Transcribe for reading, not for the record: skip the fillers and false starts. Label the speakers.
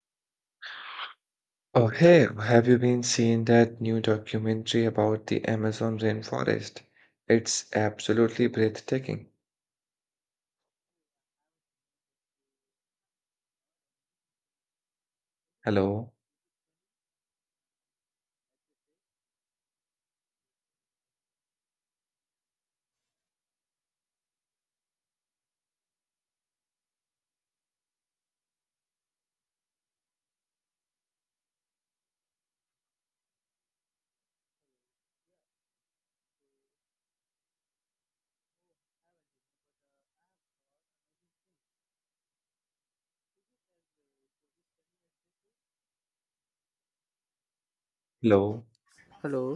Speaker 1: Oh, hey, have you been seeing that new documentary about the Amazon rainforest? It's absolutely breathtaking. Hello, hello.
Speaker 2: Hello.